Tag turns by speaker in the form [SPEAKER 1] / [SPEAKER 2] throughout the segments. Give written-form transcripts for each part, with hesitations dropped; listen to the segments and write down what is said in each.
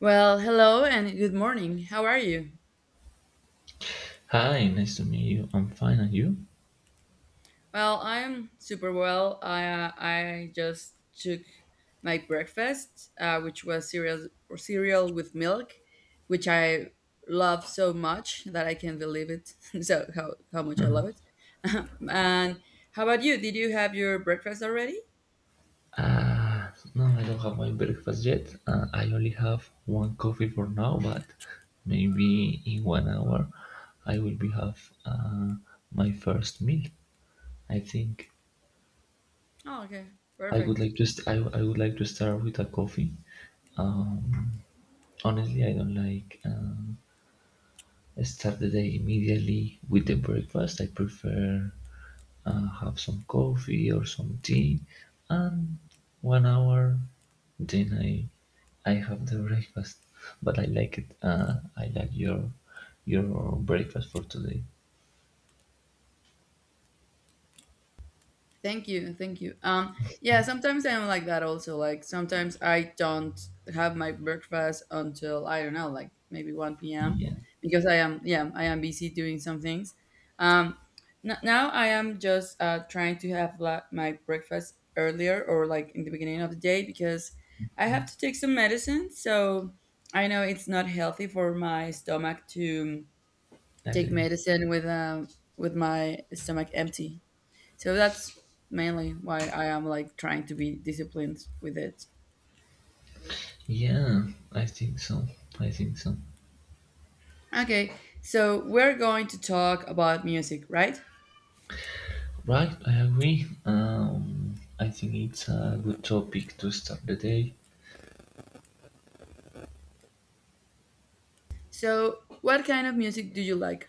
[SPEAKER 1] Well, hello and good morning. How are you?
[SPEAKER 2] Hi, nice to meet you. I'm fine, and you?
[SPEAKER 1] Well, I'm super well. I just took my breakfast, which was cereal or cereal with milk, which I love so much that I can't believe it. So how much I love
[SPEAKER 2] Mhm.
[SPEAKER 1] it. And how about you? Did you have your breakfast already?
[SPEAKER 2] Uh, no, I don't have my breakfast yet. I only have one coffee for now, but maybe in one hour I will be have my first meal. I think
[SPEAKER 1] Oh, okay,
[SPEAKER 2] I would
[SPEAKER 1] perfect.
[SPEAKER 2] like to st- I, I would like to start with a coffee. Um, honestly, I don't like start the day immediately with the breakfast. I prefer have some coffee or some tea, and one hour, then I have the breakfast. But I like it. I like your your breakfast for today.
[SPEAKER 1] Thank you, thank you. Yeah, sometimes I'm like that also. Like, sometimes I don't have my breakfast until, I don't know, like maybe 1 p.m.,
[SPEAKER 2] Yeah,
[SPEAKER 1] because I am busy doing some things. Um, now I am just trying to have my breakfast earlier, or like in the beginning of the day, because I have to take some medicine. So I know it's not healthy for my stomach to
[SPEAKER 2] I
[SPEAKER 1] take
[SPEAKER 2] agree.
[SPEAKER 1] medicine with my stomach empty. So that's mainly why I am like trying to be disciplined with it.
[SPEAKER 2] Yeah, I think so. I think so.
[SPEAKER 1] Okay, so we're going to talk about music, right?
[SPEAKER 2] Right, I agree. I think it's a good topic to start the day.
[SPEAKER 1] So, what kind of music do you like?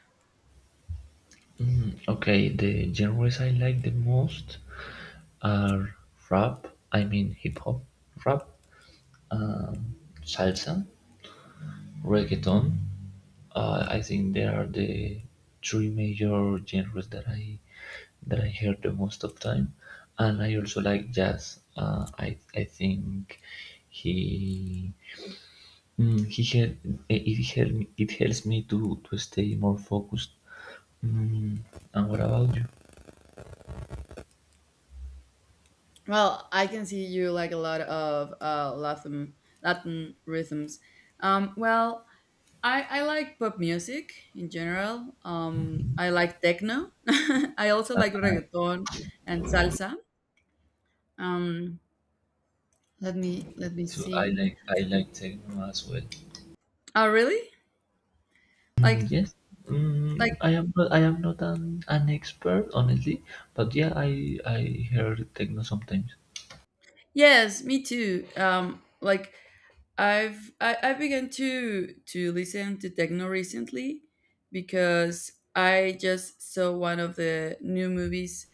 [SPEAKER 2] Okay, the genres I like the most are rap, I mean hip hop, rap, salsa, reggaeton. I think there are the three major genres that I hear the most of time, and I also like jazz. I think he mm, he hel- eh, it help it helps me to stay more focused. Mm, and what about you?
[SPEAKER 1] Well, I can see you like a lot of Latin rhythms. Well, I like pop music in general. I like techno. I also like reggaeton and salsa. Um, let me
[SPEAKER 2] So I
[SPEAKER 1] see.
[SPEAKER 2] like I like techno as well.
[SPEAKER 1] Oh, really?
[SPEAKER 2] Mm,
[SPEAKER 1] Like
[SPEAKER 2] yes,
[SPEAKER 1] like,
[SPEAKER 2] I am not an expert, honestly, but yeah, I heard techno sometimes.
[SPEAKER 1] yes, me too. Like I've begun to listen to techno recently, because I just saw one of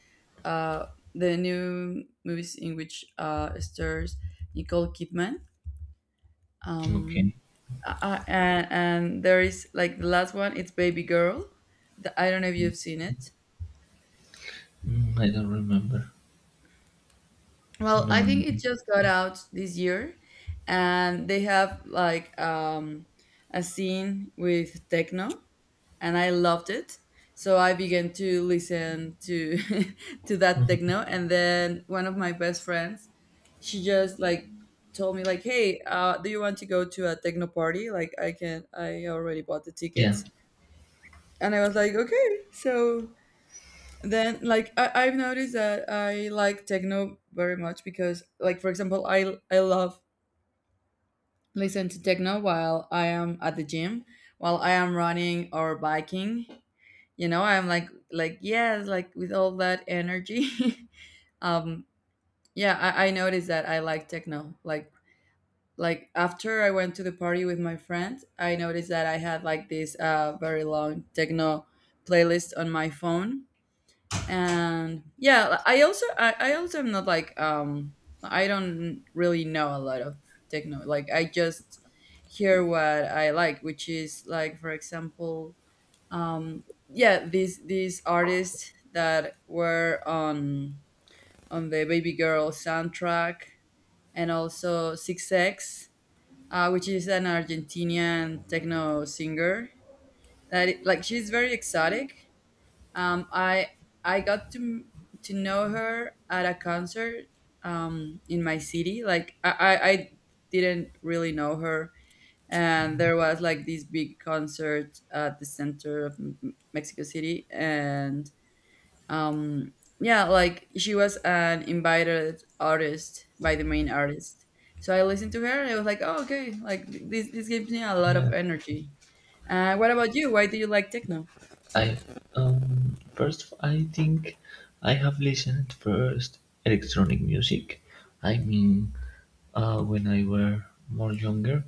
[SPEAKER 1] uh, the new movies in which stars Nicole Kidman. Um,
[SPEAKER 2] Okay.
[SPEAKER 1] and there is, like, the last one. It's Baby Girl. I don't know if you've seen it.
[SPEAKER 2] Mm, I don't remember.
[SPEAKER 1] Well, I
[SPEAKER 2] No.
[SPEAKER 1] think it
[SPEAKER 2] Mhm.
[SPEAKER 1] just got out this year, and they have, like, a scene with techno, and I loved it. So I began to listen to to that techno, and then one of my best friends, she just, like, told me like, "Hey, do you want to go to a techno party? Like, I already bought the
[SPEAKER 2] Yeah.
[SPEAKER 1] tickets." And I was like, "Okay." So then, like, I've noticed that I like techno very much, because, like, for example, I love listen to techno while I am at the gym, while I am running or biking, you know, I'm like, yes, like, with all that energy. um yeah, I noticed that I like techno, like, after I went to the party with my friends. I noticed that I had, like, this very long techno playlist on my phone. And yeah, I also am not, like, I don't really know a lot of techno. Like, I just hear what I like, which is, like, for example, um yeah, these artists that were on the Baby Girl soundtrack, and also six x, which is an Argentinian techno singer like, she's very exotic. um, I I got to know her at a concert in my city. Like, I didn't really know her, and there was, like, this big concert at the center of Mexico City, and um, yeah, like, she was an invited artist by the main artist. So I listened to her, and I was like, oh, okay, like this gives me a lot
[SPEAKER 2] Yeah.
[SPEAKER 1] of energy. What about you? Why do you like techno?
[SPEAKER 2] I first I think I have listened first electronic music. I mean, when I were more younger,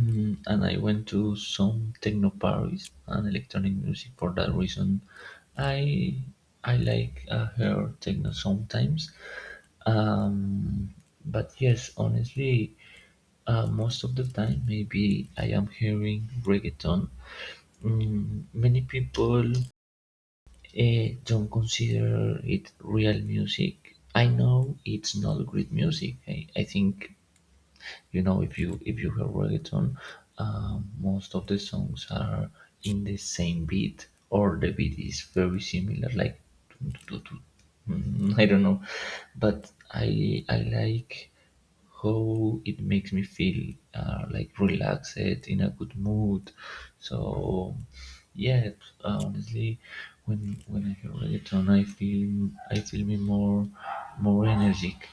[SPEAKER 2] and I went to some techno parties and electronic music. For that reason, I I like her techno sometimes. Um, but yes, honestly, most of the time, maybe I am hearing reggaeton. Many people don't consider it real music. I know it's not great music. I think, if you hear reggaeton, most of the songs are in the same beat, or the beat is very similar, like dun, dun, dun, dun. Mm, I don't know, but I like how it makes me feel like relaxed in a good mood. So yeah, honestly, when I hear reggaeton, I feel me more energetic.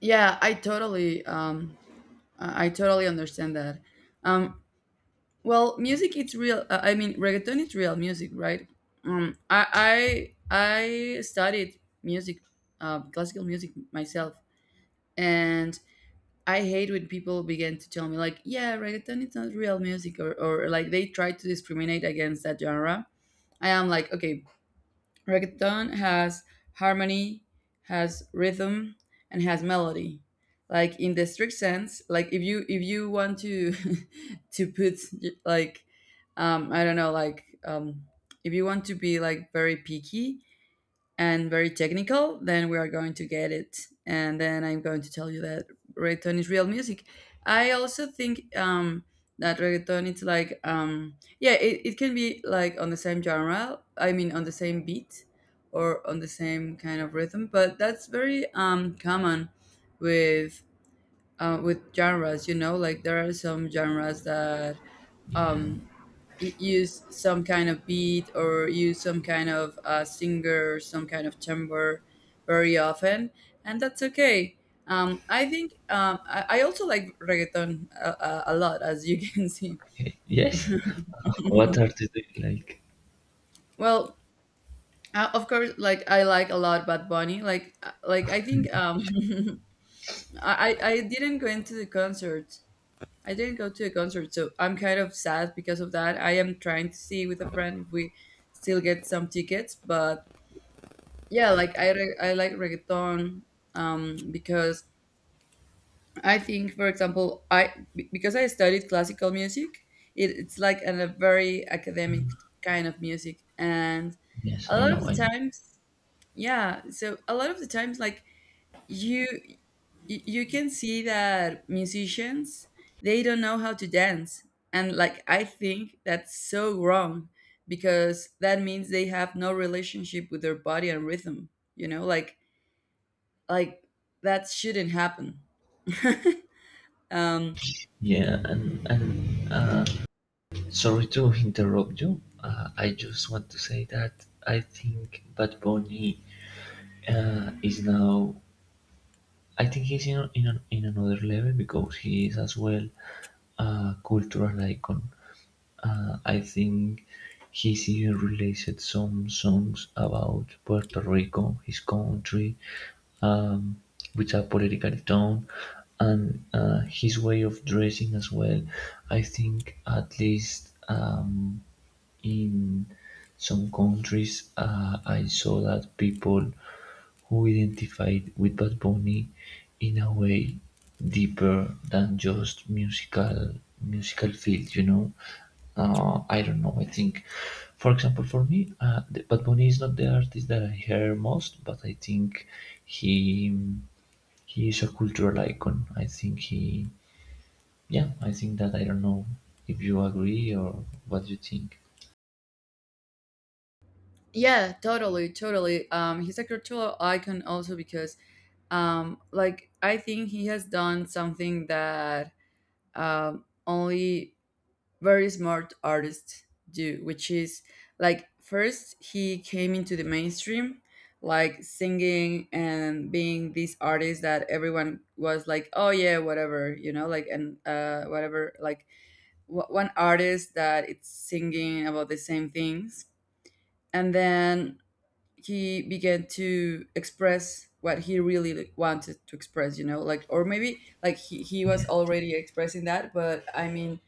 [SPEAKER 1] Yeah, I totally I totally understand that. Um, well, music, it's real. I mean, reggaeton is real music, right? I studied music, classical music myself, and I hate when people begin to tell me, like, yeah, reggaeton it's not real music, or like they try to discriminate against that genre. I am like, okay, Reggaeton has harmony, has rhythm, and has melody. Like, in the strict sense, like, if you want to to put, like, I don't know, like, if you want to be, like, very picky, and very technical, then we are going to get it. And then I'm going to tell you that reggaeton is real music. I also think that reggaeton, it's like, yeah, it can be, like, on the same genre. I mean, on the same beat or on the same kind of rhythm. But that's very common with with genres. You know, like, there are some genres that
[SPEAKER 2] Yeah.
[SPEAKER 1] um, use some kind of beat, or use some kind of singer, or some kind of timbre very often, and that's okay. I think I also like reggaeton a lot, as you can see.
[SPEAKER 2] Yes. What are they doing? Like,
[SPEAKER 1] Well, of course, like, I like a lot Bad Bunny. Like, like, I think I didn't go into the concert, I didn't go to a concert, so I'm kind of sad because of that. I am trying to see with a friend if we still get some tickets. But yeah, like, I like reggaeton, because I think, for example, because I studied classical music, it's like a very academic kind of music, and
[SPEAKER 2] yes,
[SPEAKER 1] a
[SPEAKER 2] I
[SPEAKER 1] lot of
[SPEAKER 2] know,
[SPEAKER 1] the
[SPEAKER 2] I know.
[SPEAKER 1] times, yeah, so a lot of the times, like, you you can see that musicians, they don't know how to dance. And, like, I think that's so wrong, because that means they have no relationship with their body and rhythm. You know, like, like that shouldn't happen. um
[SPEAKER 2] Yeah, and sorry to interrupt you. I just want to say that I think Bad Bunny is now. I think he's in another level because he is as well a cultural icon. I think he's even released some songs about Puerto Rico, his country, um, with a political tone and his way of dressing as well. I think at least in some countries I saw that people who identified with Bad Bunny in a way deeper than just musical field. I don't know. I think, for example, for me, Bad Bunny is not the artist that I hear most, but I think he he is a cultural icon. I think that I don't know if you agree or what you think.
[SPEAKER 1] yeah, totally, totally, he's a cultural icon also because, like, I think he has done something that only very smart artist do, which is, like, first he came into the mainstream, like, singing and being this artist that everyone was like, oh yeah, whatever, like, and whatever, like, one artist that it's singing about the same things. And then he began to express what he really, like, wanted to express, like, or maybe, like, he was
[SPEAKER 2] Yeah.
[SPEAKER 1] already expressing that, but I mean,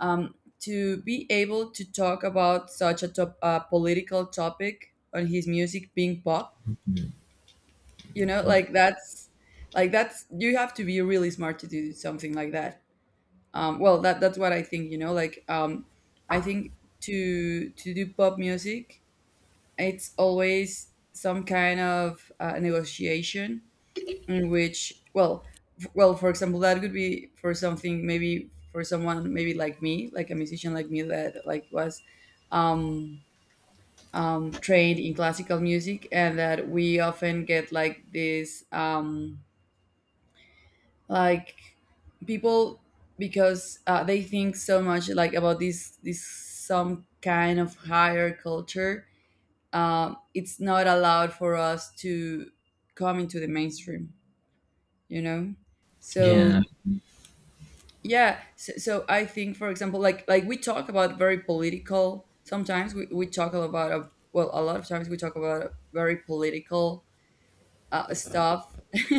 [SPEAKER 1] um, to be able to talk about such a political topic on his music being pop, you know, like that's, you have to be really smart to do something like that. Well, that's what I think, you know, I think, to do pop music, it's always some kind of negotiation, in which, well, well, for example, that could be for something, maybe for someone, maybe like me, like a musician like me, that, like, was um trained in classical music, and that we often get, like, this like, people, because they think so much, like, about this some kind of higher culture, it's not allowed for us to come into the mainstream, you know.
[SPEAKER 2] Yeah,
[SPEAKER 1] So yeah, so I think, for example, like, we talk about very political, sometimes we talk about well, a lot of times we talk about very political stuff.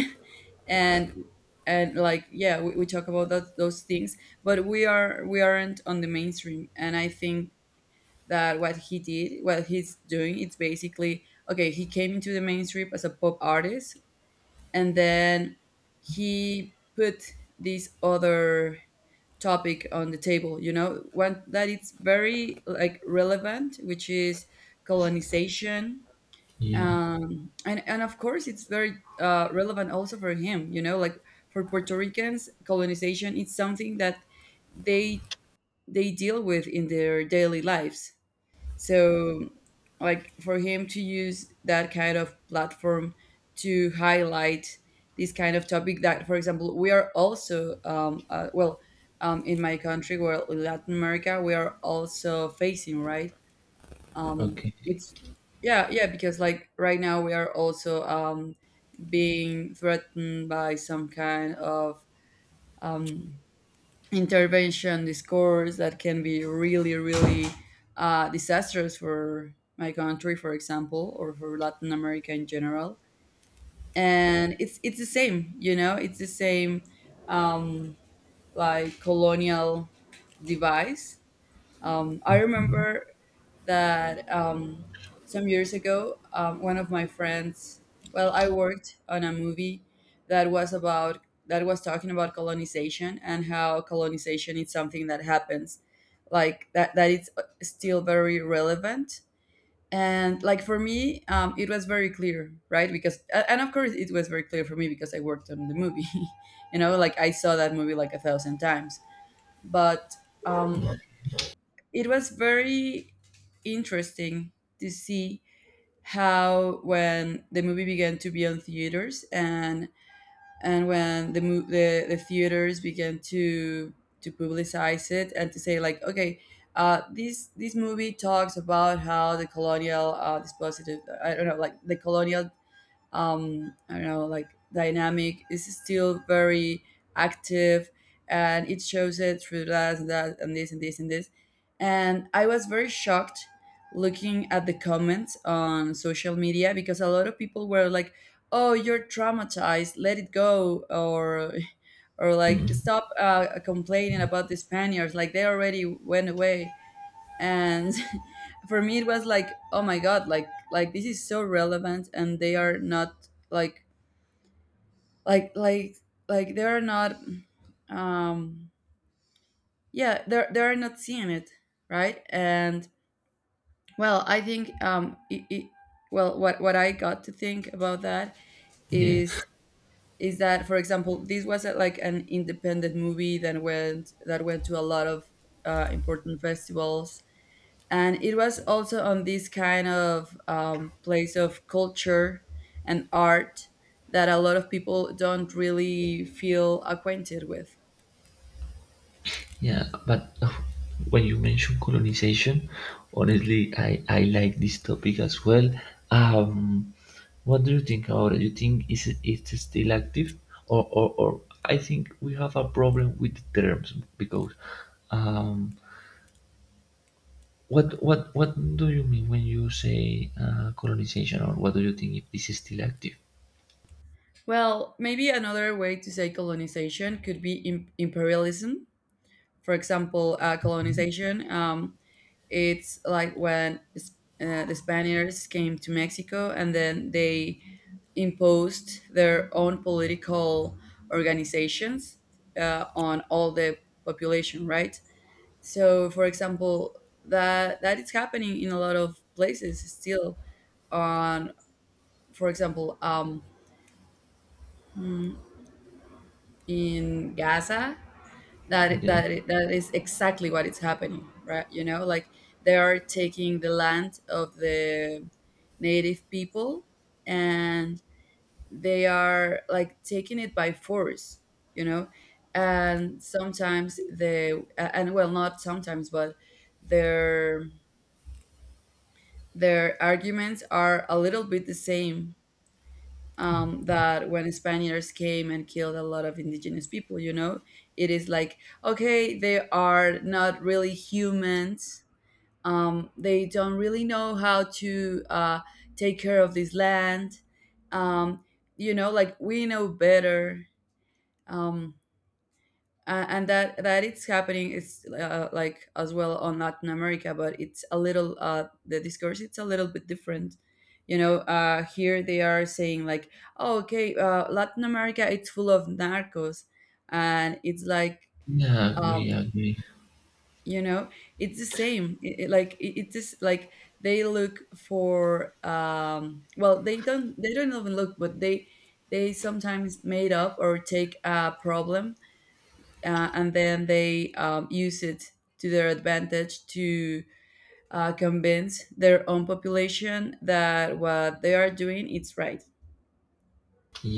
[SPEAKER 1] and and like, yeah, we talk about those things, but we aren't on the mainstream. And I think that what he's doing, it's basically, okay, he came into the mainstream as a pop artist, and then he put these other topic on the table, you know, one that it's very, like, relevant, which is colonization.
[SPEAKER 2] yeah,
[SPEAKER 1] And of course, it's very relevant also for him, you know, like, for Puerto Ricans, colonization is something that they they deal with in their daily lives. So, like, for him to use that kind of platform to highlight this kind of topic that, for example, we are also, well, in my country, well, in Latin America, we are also facing, right?
[SPEAKER 2] okay,
[SPEAKER 1] It's, yeah, yeah, because, like, right now we are also being threatened by some kind of um, intervention discourse that can be really, really disastrous for my country, for example, or for Latin America in general. And it's the same, you know, it's the same um, like, colonial device. I remember that some years ago, one of my friends, well, I worked on a movie that was about, that was talking about colonization and how colonization is something that happens, like, that it's still very relevant. And, like, for me, it was very clear, right? Because a- and of course, it was very clear for me because I worked on the movie, you know, like, I saw that movie like a thousand times. But um, it was very interesting to see how when the movie began to be on theaters and when the theaters began to publicize it and to say like okay, this movie talks about how the colonial dispositive, I don't know, like the colonial, I don't know, like dynamic is still very active, and it shows it through that and that and this and this and this. And I was very shocked looking at the comments on social media because a lot of people were like, oh, you're traumatized, let it go, or like stop complaining about the Spaniards, like they already went away and for me it was like, oh my god, like this is so relevant and they are not like like like like they are not, um yeah, they're not seeing it, right. And, well, I think well, what I got to think about that
[SPEAKER 2] yeah,
[SPEAKER 1] is is that, for example, this was a, like an independent movie that went to a lot of important festivals, and it was also on this kind of place of culture and art that a lot of people don't really feel acquainted with.
[SPEAKER 2] yeah. But when you mention colonization, honestly, I like this topic as well. Um, what do you think about it? You think is it's still active, or — I think we have a problem with the terms, because um, what do you mean when you say colonization, or what do you think if this is still active?
[SPEAKER 1] Well, maybe another way to say colonization could be imperialism. For example,
[SPEAKER 2] Mhm.
[SPEAKER 1] colonization. It's like when the Spaniards came to Mexico and then they imposed their own political organizations on all the population, right? So, for example, that is happening in a lot of places still. On, for example, mm, in Gaza, that
[SPEAKER 2] Yeah,
[SPEAKER 1] that that is exactly what is happening, right? You know, like they are taking the land of the native people and they are like taking it by force, you know. And sometimes they, and, well, not sometimes, but their their arguments are a little bit the same, that when Spaniards came and killed a lot of indigenous people, you know, it is like, okay, they are not really humans. They don't really know how to take care of this land. Um, you know, like we know better. Um, and that it's happening is like as well on Latin America, but it's a little the discourse it's a little bit different. You know, here they are saying like, oh, okay, Latin America it's full of narcos, and it's like,
[SPEAKER 2] yeah, agree,
[SPEAKER 1] um,
[SPEAKER 2] agree.
[SPEAKER 1] you know, it's the same. It is like they look for well, they don't even look, but they sometimes made up or take a problem, and then they use it to their advantage to convince their own population that what they are doing is right.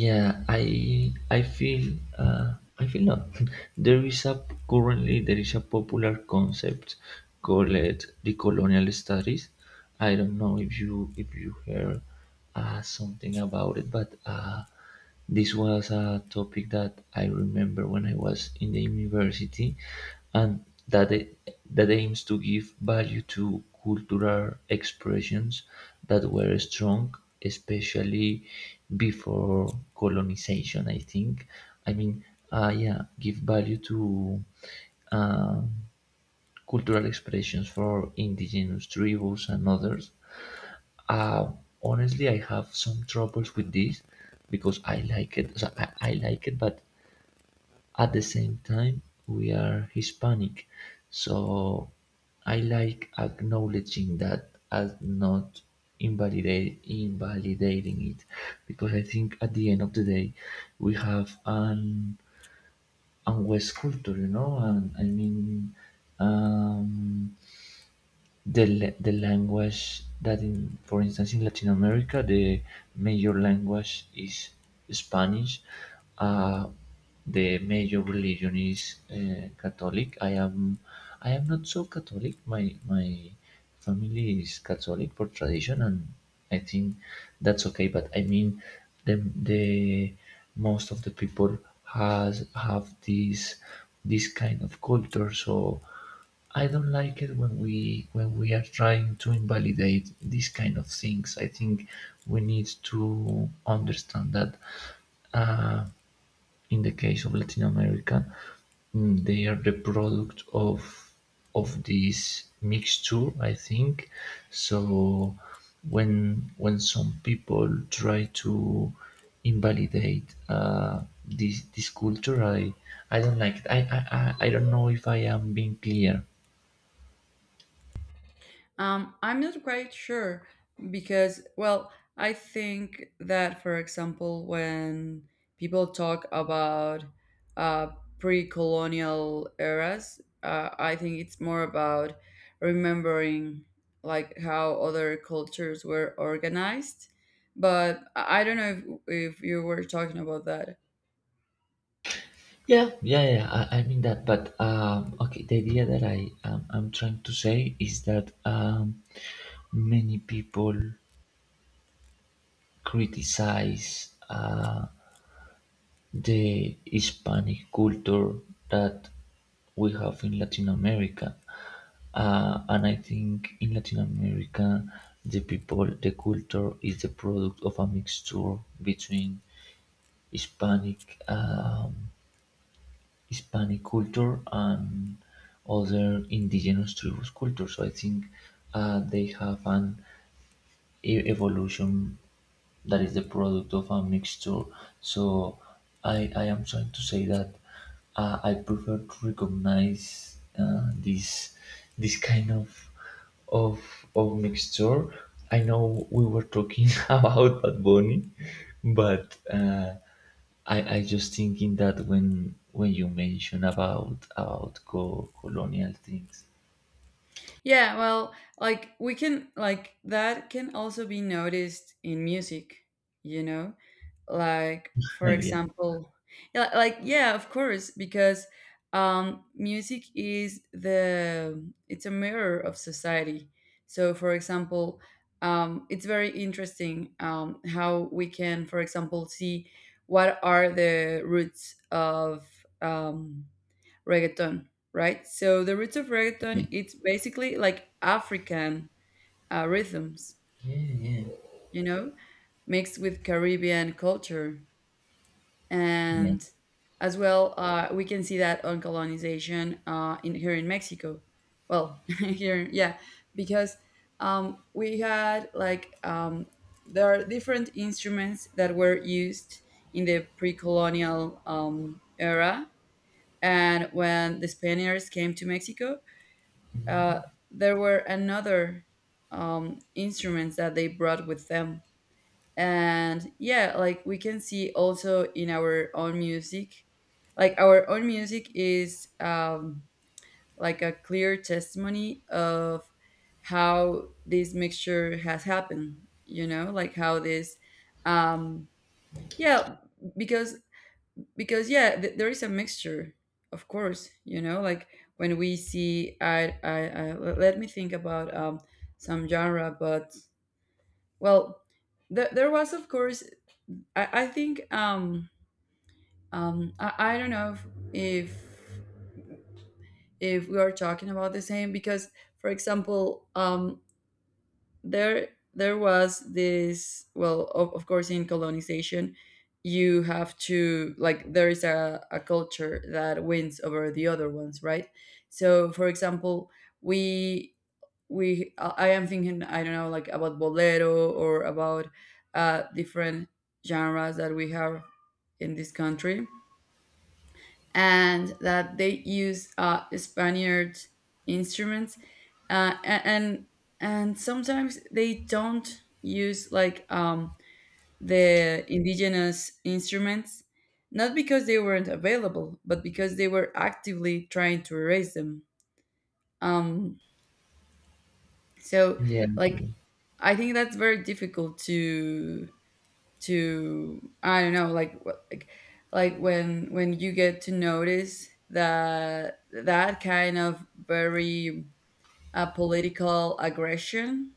[SPEAKER 2] Yeah, I feel not. There is a currently there is a popular concept called the colonial studies. I don't know if you heard something about it, but this was a topic that I remember when I was in the university and that aims to give value to cultural expressions that were strong, especially before colonization, I think. I mean, yeah, give value to um, cultural expressions for indigenous tribes and others. uh, Honestly, I have some troubles with this because I like it. So I like it, but at the same time, we are Hispanic, so I like acknowledging that as not invalidate invalidating it, because I think at the end of the day, we have an West culture, and I mean. Um, the language that, in for instance in Latin America, the major language is Spanish. Uh, the major religion is Catholic. I am not so Catholic. My family is Catholic for tradition, and I think that's okay. But I mean, the most of the people has have this kind of culture, so. I don't like it when we are trying to invalidate these kind of things. I think we need to understand that uh, in the case of Latin America, they are the product of this mixture. I think so. When some people try to invalidate this culture, I don't like it. I don't know if I am being clear.
[SPEAKER 1] I'm not quite sure because, well, I think that, for example, when people talk about uh, pre colonial eras, I think it's more about remembering like how other cultures were organized. But I don't know if you were talking about that.
[SPEAKER 2] Yeah, yeah, yeah. I mean that, but okay. The idea that I'm trying to say is that many people criticize the Hispanic culture that we have in Latin America, and I think in Latin America, the people, the culture is the product of a mixture between Hispanic um, Hispanic culture and other indigenous tribes' culture. So I think they have an evolution that is the product of a mixture. So I am trying to say that I prefer to recognize this kind of of mixture. I know we were talking about Bad Bunny, but I just thinking that when you mention about colonial things.
[SPEAKER 1] Yeah, well, like we can like that can also be noticed in music, you know? Like for
[SPEAKER 2] Yeah,
[SPEAKER 1] example, yeah, like yeah, of course, because music is the, it's a mirror of society. So for example, it's very interesting how we can for example see what are the roots of um reggaeton, right? So the roots of
[SPEAKER 2] yeah,
[SPEAKER 1] reggaeton, it's basically like African rhythms,
[SPEAKER 2] yeah,
[SPEAKER 1] you know, mixed with Caribbean culture.
[SPEAKER 2] yeah,
[SPEAKER 1] And as well, we can see that on colonization in here in Mexico. Well, here, yeah, because we had like there are different instruments that were used in the pre-colonial era, and when the spaniards came to mexico, Uh, there were another instruments that they brought with them, and yeah, like we can see also in our own music, like our own music is like a clear testimony of how this mixture has happened. You know, like how this, um, yeah, because because yeah there is a mixture, of course, you know, like when we see let me think about some genre. But well, there was of course, I think I don't know if if we are talking about the same, because for example there there was this, well, of course in colonization you have to, like, there is a culture that wins over the other ones, right? So for example, we I am thinking, I don't know, like about bolero or about different genres that we have in this country and that they use Spaniard instruments, uh, a- and and sometimes they don't use like the indigenous instruments, not because they weren't available, but because they were actively trying to erase them. Um, so,
[SPEAKER 2] yeah.
[SPEAKER 1] like, I think that's very difficult to, I don't know, like like when you get to notice that that kind of very political aggression.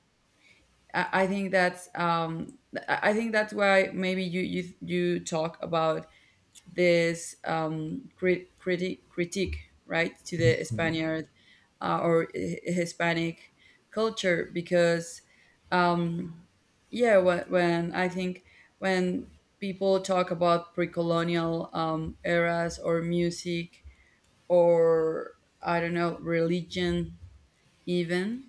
[SPEAKER 1] I think that's I think that's why maybe you talk about this crit- critic critique, right, to the Spaniard or Hispanic culture, because um, yeah, when I think when people talk about pre-colonial eras or music or I don't know religion even,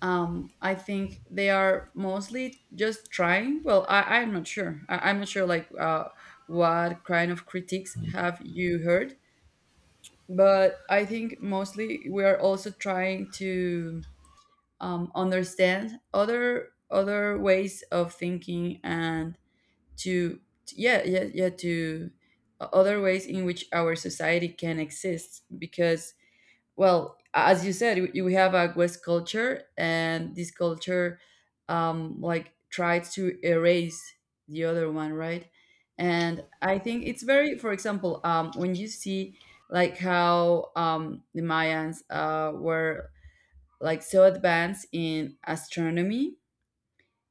[SPEAKER 1] I think they are mostly just trying. Well, I'm not sure. I'm not sure like what kind of critiques have you heard, but I think mostly we are also trying to understand other other ways of thinking and to yeah yeah yeah to other ways in which our society can exist, because well, as you said, you we have a west culture and this culture like tries to erase the other one, right? And I think it's very, for example, when you see like how the mayans were like so advanced in astronomy,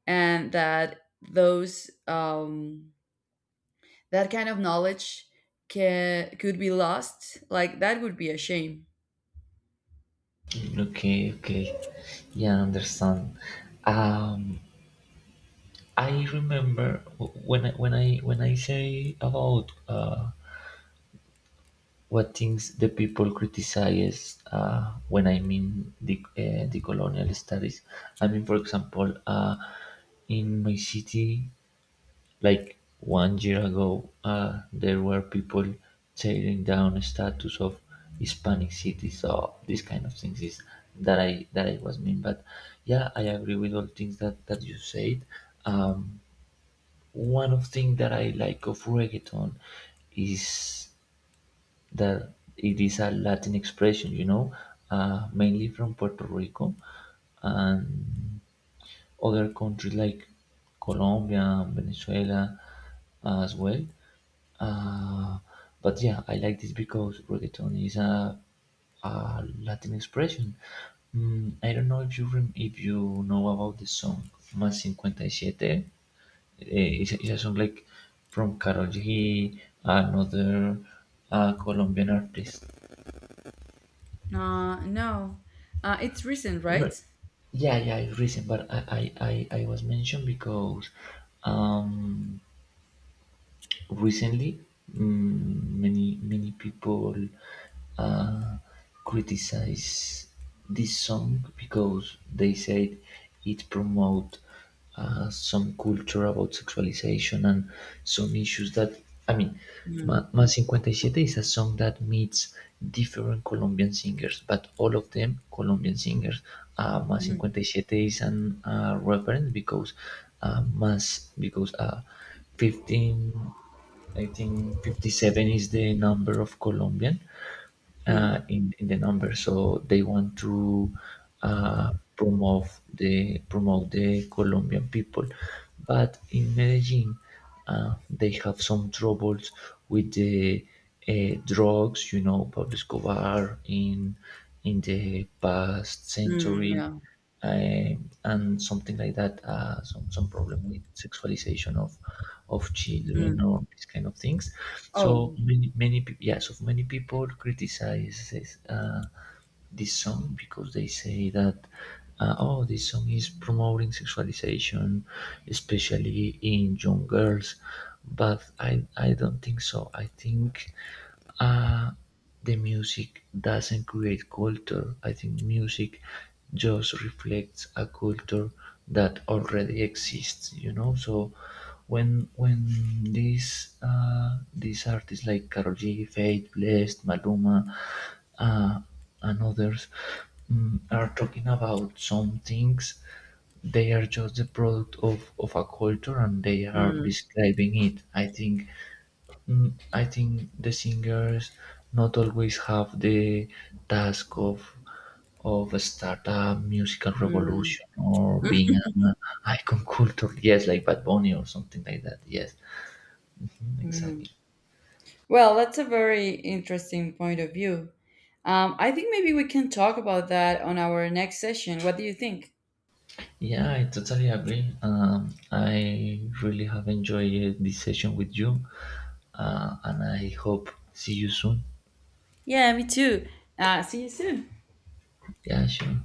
[SPEAKER 1] and that those that kind of knowledge can could be lost, like that would be a shame.
[SPEAKER 2] Okay, okay. Yeah, I understand. Um, I remember when I say about what things the people criticize, when I mean the colonial studies. I mean, for example, in my city, like one year ago, there were people tearing down statues of Hispanic cities. So these kind of things is that I was mean. But yeah, I agree with all things that you said. Um, one of things that I like of reggaeton is that it is a Latin expression. You know, mainly from Puerto Rico and other countries like Colombia and Venezuela as well. Uh, but yeah, I like this because reggaeton is a Latin expression. I don't know if you know about the song Más 57. It's a song like from Karol G, another Colombian artist.
[SPEAKER 1] No. It's recent,
[SPEAKER 2] No,
[SPEAKER 1] right?
[SPEAKER 2] yeah, yeah, it's recent, but I was mentioned because. Um, recently, many people uh, criticize this song because they said it promote some culture about sexualization and some issues that I mean Ma
[SPEAKER 1] Mm,
[SPEAKER 2] Más 57 is a song that meets different Colombian singers, but all of them Colombian singers. Más
[SPEAKER 1] mm,
[SPEAKER 2] 57 is an reference because Más because 15 I think 57 is the number of Colombian,
[SPEAKER 1] mm,
[SPEAKER 2] in the number. So they want to uh, promote promote the Colombian people, but in Medellin they have some troubles with the drugs. You know, Pablo Escobar in the past
[SPEAKER 1] mm,
[SPEAKER 2] century,
[SPEAKER 1] yeah.
[SPEAKER 2] uh, and something like that, some problem with sexualization of children
[SPEAKER 1] Mm.
[SPEAKER 2] or these kind of things. So
[SPEAKER 1] Oh.
[SPEAKER 2] many many peop yeah, so many people criticize uh, this song because they say that, oh, this song is promoting sexualization, especially in young girls, but I don't think so. I think uh, the music doesn't create culture. I think music just reflects a culture that already exists. So when these artists like Karol G, Fate, Blessed, Maluma, uh, and others are talking about some things, they are just the product of a culture and they are
[SPEAKER 1] Mm,
[SPEAKER 2] describing it. I think the singers not always have the task of start a musical
[SPEAKER 1] mm,
[SPEAKER 2] revolution or being an icon culture. Yes, like Bad Bunny or something like that. Yes, mhm,
[SPEAKER 1] mm.
[SPEAKER 2] exactly.
[SPEAKER 1] Well, that's a very interesting point of view. I think maybe we can talk about that on our next session. What do you think?
[SPEAKER 2] Yeah, I totally agree. I really have enjoyed this session with you, and I hope see you soon.
[SPEAKER 1] Yeah, me too. See you soon.
[SPEAKER 2] Yeah, sure.